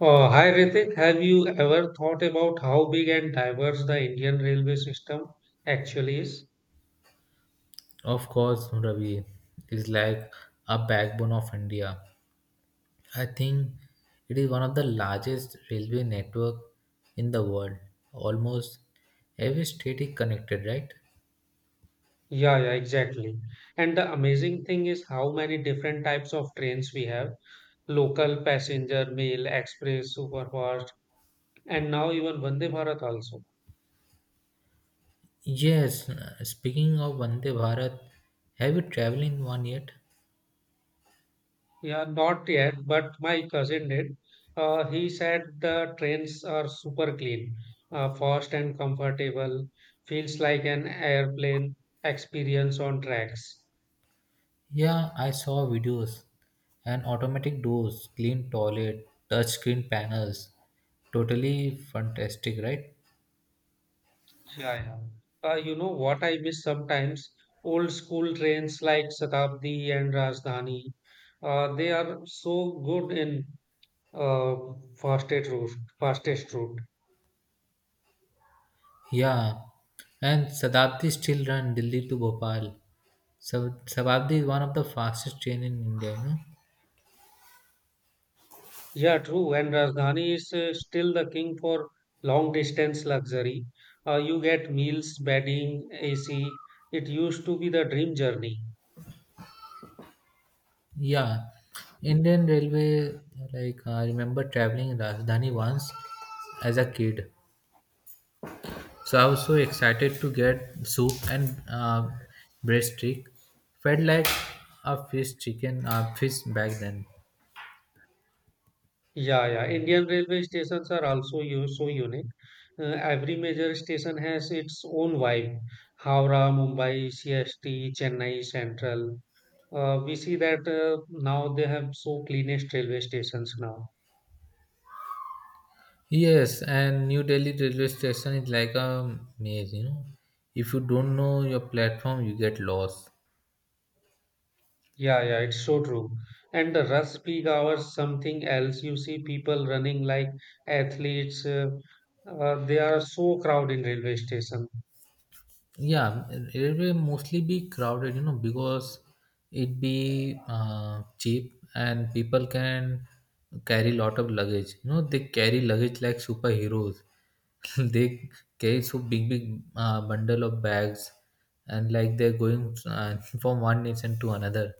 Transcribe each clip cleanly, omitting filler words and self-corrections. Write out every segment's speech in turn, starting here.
Hi Ritik, have you ever thought about how big and diverse the Indian railway system actually is? Of course, Ravi is like a backbone of India. I think it is one of the largest railway network in the world. Almost every state is connected, right? Yeah, yeah, exactly. And the amazing thing is how many different types of trains we have: local, passenger, mail, express, superfast, and now even Vande Bharat also. Yes. Speaking of Vande Bharat, have you traveled in one yet? Yeah, not yet, but my cousin did. He said the trains are super clean, fast and comfortable, feels like an airplane experience on tracks. Yeah, I saw videos and automatic doors, clean toilet, touch screen panels. Totally fantastic, right? Yeah, yeah. You know what I miss sometimes? Old school trains like Shatabdi and Rajdhani. They are so good in uh, fastest route, fastest route. Yeah, and Satabdi still run Delhi to Bhopal. Satabdi is one of the fastest train in India, you know. Yeah, true. And Rajdhani is still the king for long distance luxury. You get meals, bedding, AC. It used to be the dream journey. Yeah, Indian Railway. Like I remember traveling in Rajdhani once as a kid. So I was so excited to get soup and breaststick. Felt like a fish chicken, fish back then. Yeah, yeah. Indian railway stations are also so unique. Every major station has its own vibe. Howrah, Mumbai, CST, Chennai Central. We see that now they have so cleanest railway stations now. Yes, and New Delhi railway station is like a maze. You know, if you don't know your platform, you get lost. Yeah, yeah, it's so true. And the rush peak hours, something else. You see people running like athletes. They are so crowded in railway station. Yeah, it will mostly be crowded, you know, because it be cheap and people can carry lot of luggage. You know, they carry luggage like superheroes. They carry so big, big bundle of bags, and like they're going from one nation to another.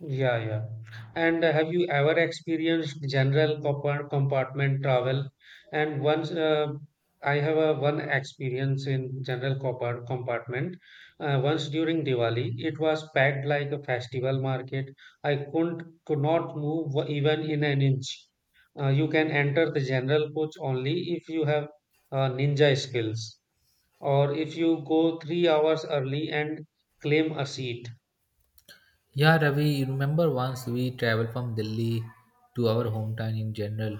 Yeah, yeah. And have you ever experienced general compartment travel? And once I have a one experience in general compartment. Once during Diwali, it was packed like a festival market. I couldn't could not move even in an inch. You can enter the general coach only if you have ninja skills, or if you go 3 hours early and claim a seat. Yeah, Ravi, you remember once we traveled from Delhi to our hometown in general,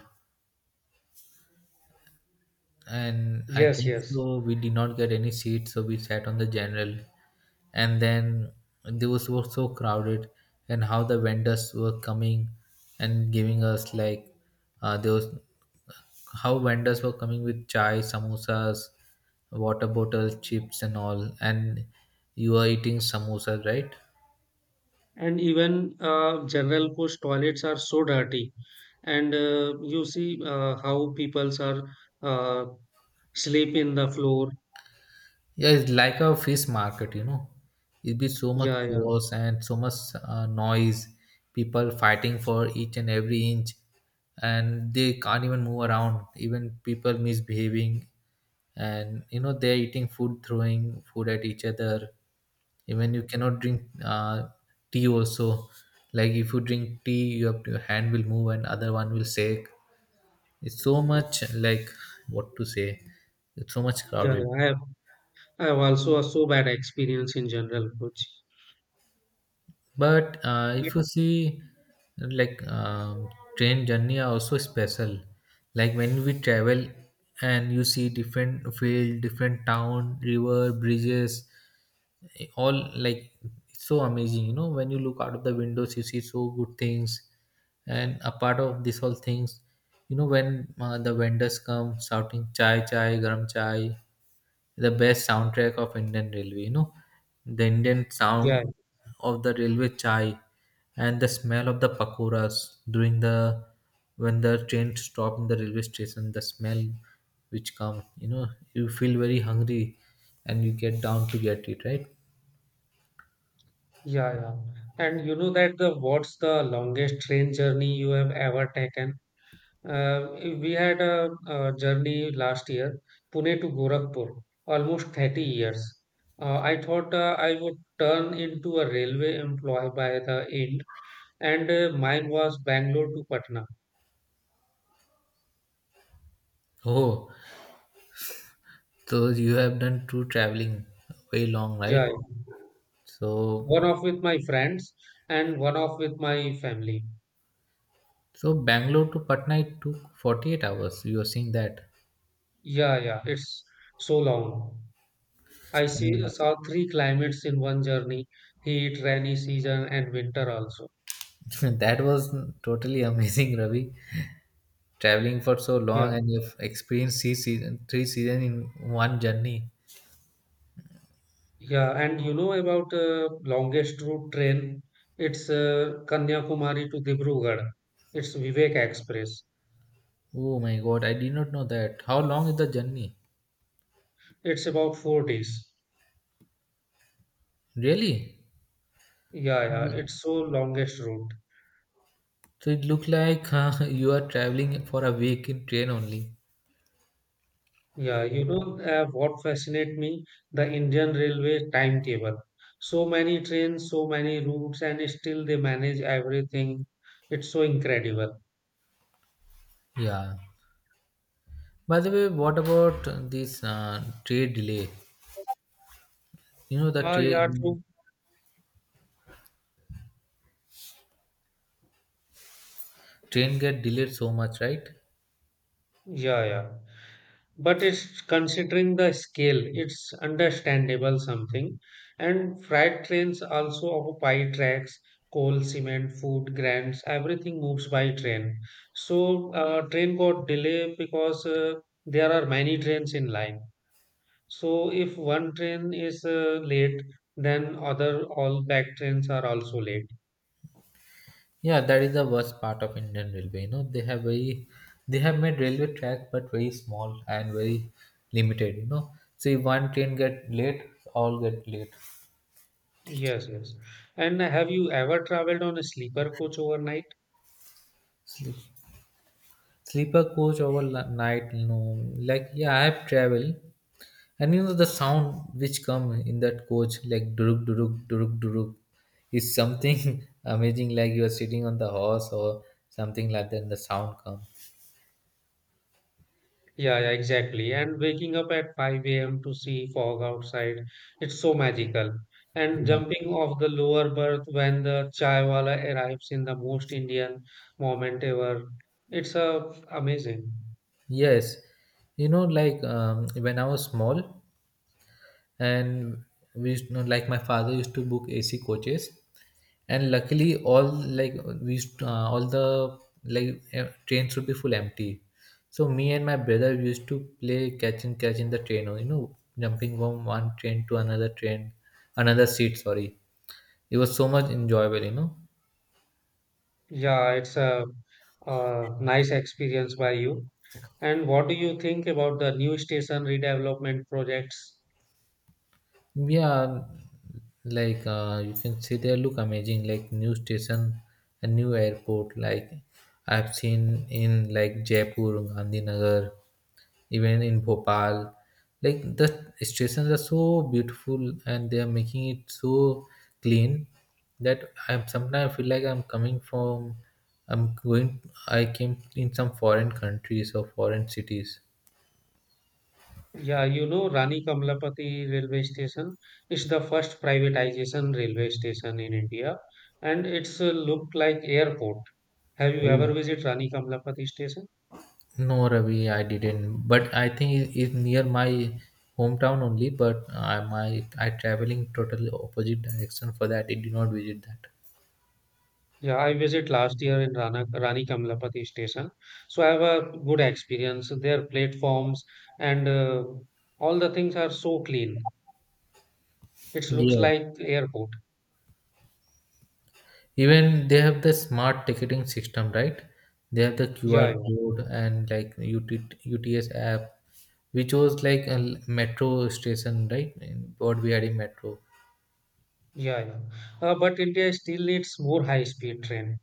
and I Yes, think yes. so. We did not get any seats, so we sat on the general, and then they was were so crowded, and how the vendors were coming and giving us like there was how vendors were coming with chai, samosas, water bottle, chips, and all, and you are eating samosas, right? And even general push toilets are so dirty, and you see how peoples are uh, sleep in the floor. Yeah, it's like a fish market, you know. It'd be so much Yeah, yeah, chaos and so much noise, people fighting for each and every inch, and they can't even move around. Even people misbehaving, and you know they're eating food, throwing food at each other. Even you cannot drink tea also. Like if you drink tea, you have to, your hand will move and other one will shake. It's so much like what to say. It's so much yeah, yeah. crowded. I have also a so bad experience in general coach. But Yeah, if you see, like train journey are also special. Like when we travel and you see different field, different town, river, bridges, all like it's so amazing. You know, when you look out of the windows, you see so good things. And a part of this all things, you know, when the vendors come shouting chai chai, garam chai, the best soundtrack of Indian Railway. You know, the Indian yeah, sound of the railway chai and the smell of the pakoras during the when the train stop in the railway station. The smell which come, you know, you feel very hungry and you get down to get it, right? yeah, yeah. And you know that the what's the longest train journey you have ever taken? We had a, journey last year, Pune to Gorakhpur, almost 30 years. I thought I would turn into a railway employee by the end, and mine was Bangalore to Patna. Oh, so you have done two traveling way long, right? Yeah, yeah. So, One off with my friends and one off with my family. so Bangalore to Patna it took 48 hours. You are seeing that. Yeah, yeah, it's so long. Saw three climates in one journey: heat, rainy season, and winter also. That was totally amazing, Ravi. Traveling for so long Yeah. and you've experienced three season in one journey. Yeah, and you know about longest route train? It's Kanyakumari to Dibrugarh. It's Vivek Express. Oh my god, I did not know that. How long is the journey? It's about 4 days. Really? Yeah, yeah, Ye- it's so longest route. So it looked like you are traveling for a week in train only. Yeah, you know what fascinates me? The Indian Railway timetable. So many trains, so many routes, and still they manage everything. It's so incredible. Yeah. By the way, what about this train delay? You know the Ah, yeah, train true. train get delayed so much, right? Yeah, yeah. But it's considering the scale it's understandable something, and freight trains also occupy tracks. Coal, cement, food grants, everything moves by train. So train got delay because there are many trains in line, so if one train is late, then other all back trains are also late. Yeah, that is the worst part of Indian railway. You know, they have made railway track but very small and very limited. You know, so if one train get late, all get late. Yes, yes. And have you ever traveled on a sleeper coach overnight? Sleeper coach over night. You know, like yeah, I have traveled, and you know the sound which come in that coach like duruk duruk duruk duruk is something amazing. Like you are sitting on the horse or something like that, and the sound come. Yeah, yeah, exactly. And waking up at 5 a.m. to see fog outside, it's so magical. And You know, jumping off the lower berth when the chai wala arrives in the most Indian moment ever, it's a amazing. yes, you know like when I was small, and we used to, like my father used to book AC coaches and luckily all like we used to, all the like em- trains would be full empty, so me and my brother we used to play catch and catch in the train, or you know, jumping from one train to another train another seat, sorry. It was so much enjoyable, you know. Yeah, it's a, nice experience by you. And what do you think about the new station redevelopment projects? Yeah, like you can see they look amazing, like new station, a new airport. Like I've seen in like Jaipur, Gandhinagar, even in Bhopal. Like the stations are so beautiful and they are making it so clean that I'm sometimes I feel like I'm coming from I'm going I came in some foreign countries or foreign cities. Yeah, you know, Rani Kamlapati railway station is the first privatization railway station in India, and it's look like airport. Have you Oh. ever visited Rani Kamlapati station? No, Ravi, I didn't. But I think it is near my hometown only. But I traveling totally opposite direction for that. I did not visit that. Yeah, I visit last year in Rani Kamlapati station, so I have a good experience. Their platforms and all the things are so clean. It looks Yes. like airport. Even they have the smart ticketing system, right? They have the Yeah, QR yeah, code and like UT, UTS app. We chose like a metro station, right? What we had in metro. yeah, yeah. But India still needs more high-speed train.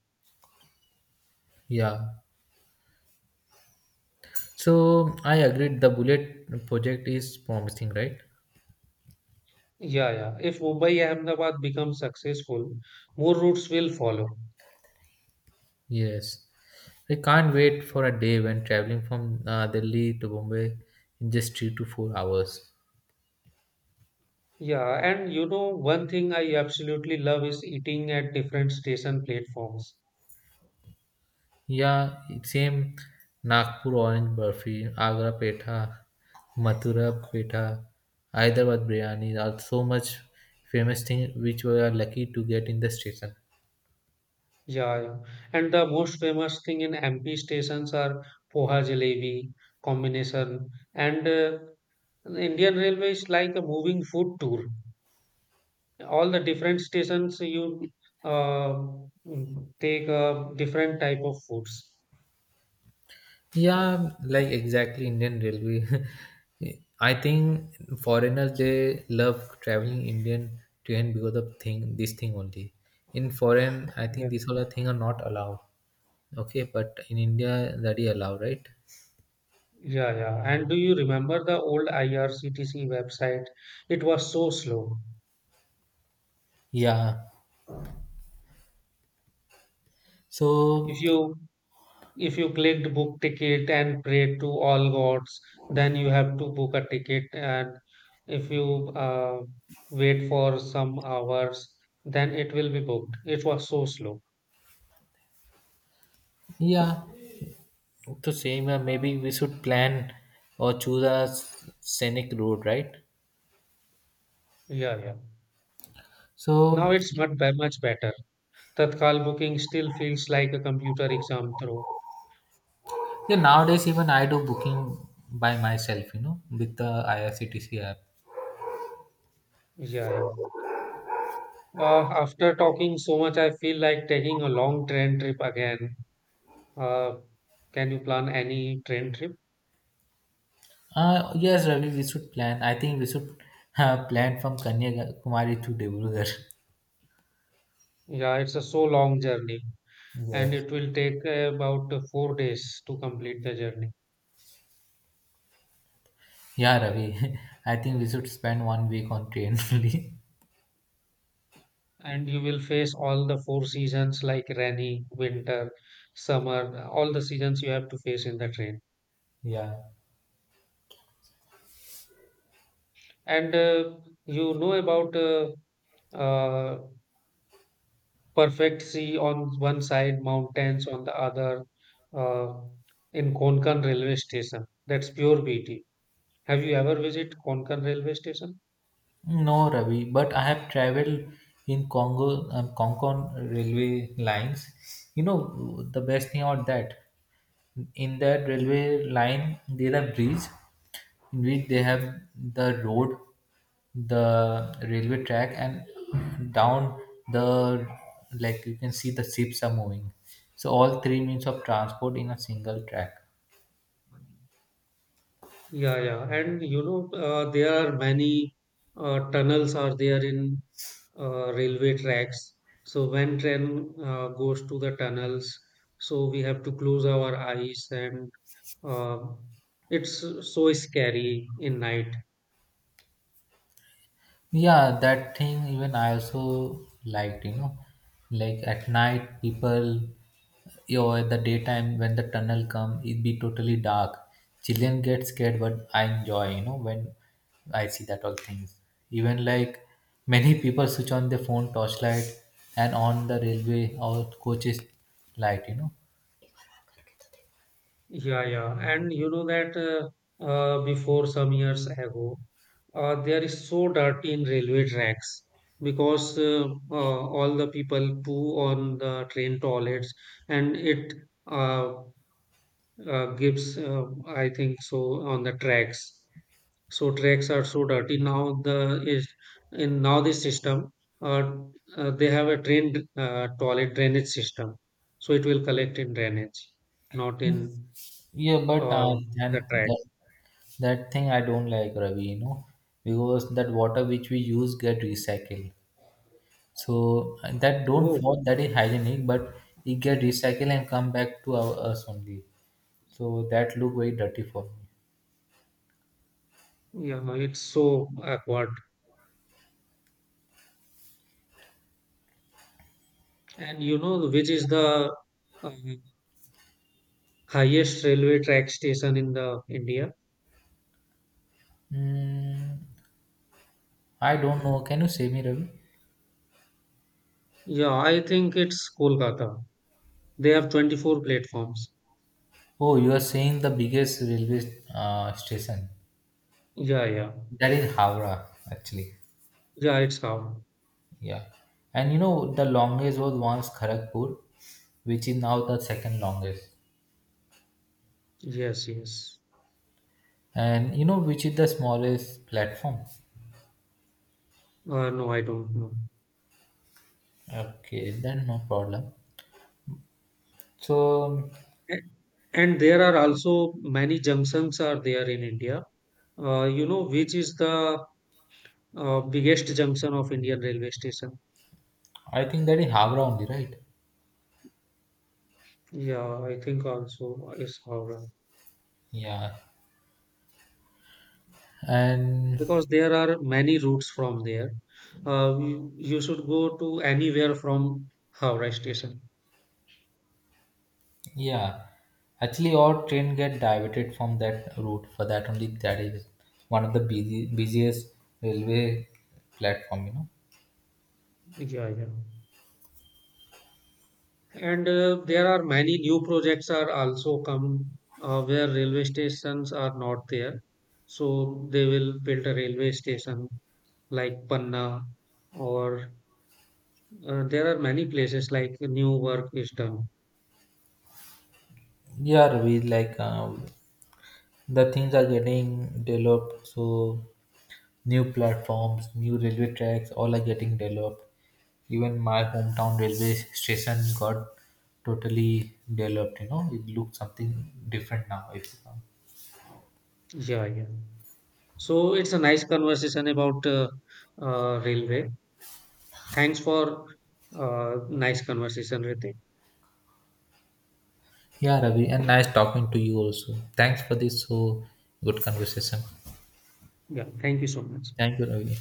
Yeah. So I agreed the bullet project is promising, right? Yeah, yeah. If Mumbai Ahmedabad becomes successful, more routes will follow. Yes. I can't wait for a day when traveling from Delhi to Bombay in just 3 to 4 hours. Yeah, and you know, one thing I absolutely love is eating at different station platforms. Yeah, same. Nagpur orange burfi, Agra petha, Mathura petha, Hyderabad biryani are so much famous thing which we are lucky to get in the station. Yeah, yeah. And the most famous thing in MP stations are poha jalebi combination, and Indian Railway is like a moving food tour. All the different stations you uh, take a different type of foods. Yeah, like exactly Indian railway. I think foreigners they love traveling Indian train because of thing only. In foreign, I think these all the thing are not allowed. Okay, but in India that is allowed, right? Yeah, yeah. And do you remember the old IRCTC website? It was so slow. Yeah. If So you if you clicked book ticket and prayed to all gods, then you have to book a ticket. And if you wait for some hours, then it will be booked. It was so slow. yeah, To same, maybe we should plan or choose a scenic road, right? Yeah, yeah. Now So it's much better. Tatkal booking still feels like a computer exam through. yeah, nowadays even I do booking by myself, you know, with the IRCTC app. Yeah, yeah. After talking so much, I feel like taking a long train trip again. Uh, can you plan any train trip? Yes, Ravi, we should plan. I think we should plan from Kanyakumari to Debrugarh. Yeah, it's a so long journey, and Yeah. it will take about 4 days to complete the journey. Yeah, Ravi. I think we should spend one week on train only. And you will face all the four seasons like rainy, winter, summer, all the seasons you have to face in the train. Yeah. And you know about uh, perfect sea on one side, mountains on the other, uh, in Konkan railway station. That's pure beauty. Have you ever visited Konkan railway station? No, Ravi, but I have traveled in Concon railway lines. You know, the best thing about that, in that railway line, there are bridge in which they have the road, the railway track, and down the, like you can see the ships are moving. So all three means of transport in a single track. Yeah, yeah. And you know, there are many tunnels are there in railway tracks. So when train goes to the tunnels, so we have to close our eyes and uh, it's so scary in night. Yeah, that thing even I also liked, you know. Like at night people, you know, at the daytime when the tunnel come it be totally dark. Children get scared but I enjoy, you know, when I see that all things. Even like many people switch on their phone torchlight and on the railway or coaches light, you know. Yeah, yeah. And you know that before some years ago, there is so dirty in railway tracks because all the people poo on the train toilets, and it uh, gives, I think so, on the tracks. So tracks are so dirty now. The is in now this system, uh, they have a train toilet drainage system, so it will collect in drainage, not in Yeah, but uh, and that right. that that thing I don't like, Ravi, you know, because that water which we use get recycled. So and that don't Oh, thought that is hygienic, but it get recycled and come back to us only. So that look very dirty for me. yeah, no, it's so awkward. And you know which is the um, highest railway track station in the India? Mm, I don't know. Can you say me, Ravi? Yeah, I think it's Kolkata. They have 24 platforms. Oh, you are saying the biggest railway station. Yeah, yeah. That is Howrah, actually. Yeah, it's how. Yeah. And you know, the longest was once Kharagpur, which is now the second longest. Yes, yes. And you know, which is the smallest platform. No, I don't know. Okay, then no problem. So A- And there are also many junctions are there in India. You know which is the biggest junction of Indian railway station? I think that is Havra only, right? Yeah, I think also is Howrah. Yeah, and Because there are many routes from there. You should go to anywhere from Howrah station. yeah, actually, our train get diverted from that route for that only. That is one of the busiest railway platform, you know. Yeah, yeah. And there are many new projects are also come where railway stations are not there. So they will build a railway station like Panna, or there are many places like new work is done. Yeah, we like the things are getting developed. So new platforms, new railway tracks, all are getting developed. Even my hometown railway station got totally developed. You know, it looks something different now, if you come. Yeah, yeah. So it's a nice conversation about railway. Thanks for nice conversation, Ritik. Yeah, Ravi, and nice talking to you also. Thanks for this so good conversation. Yeah, thank you so much. Thank you, Ravi.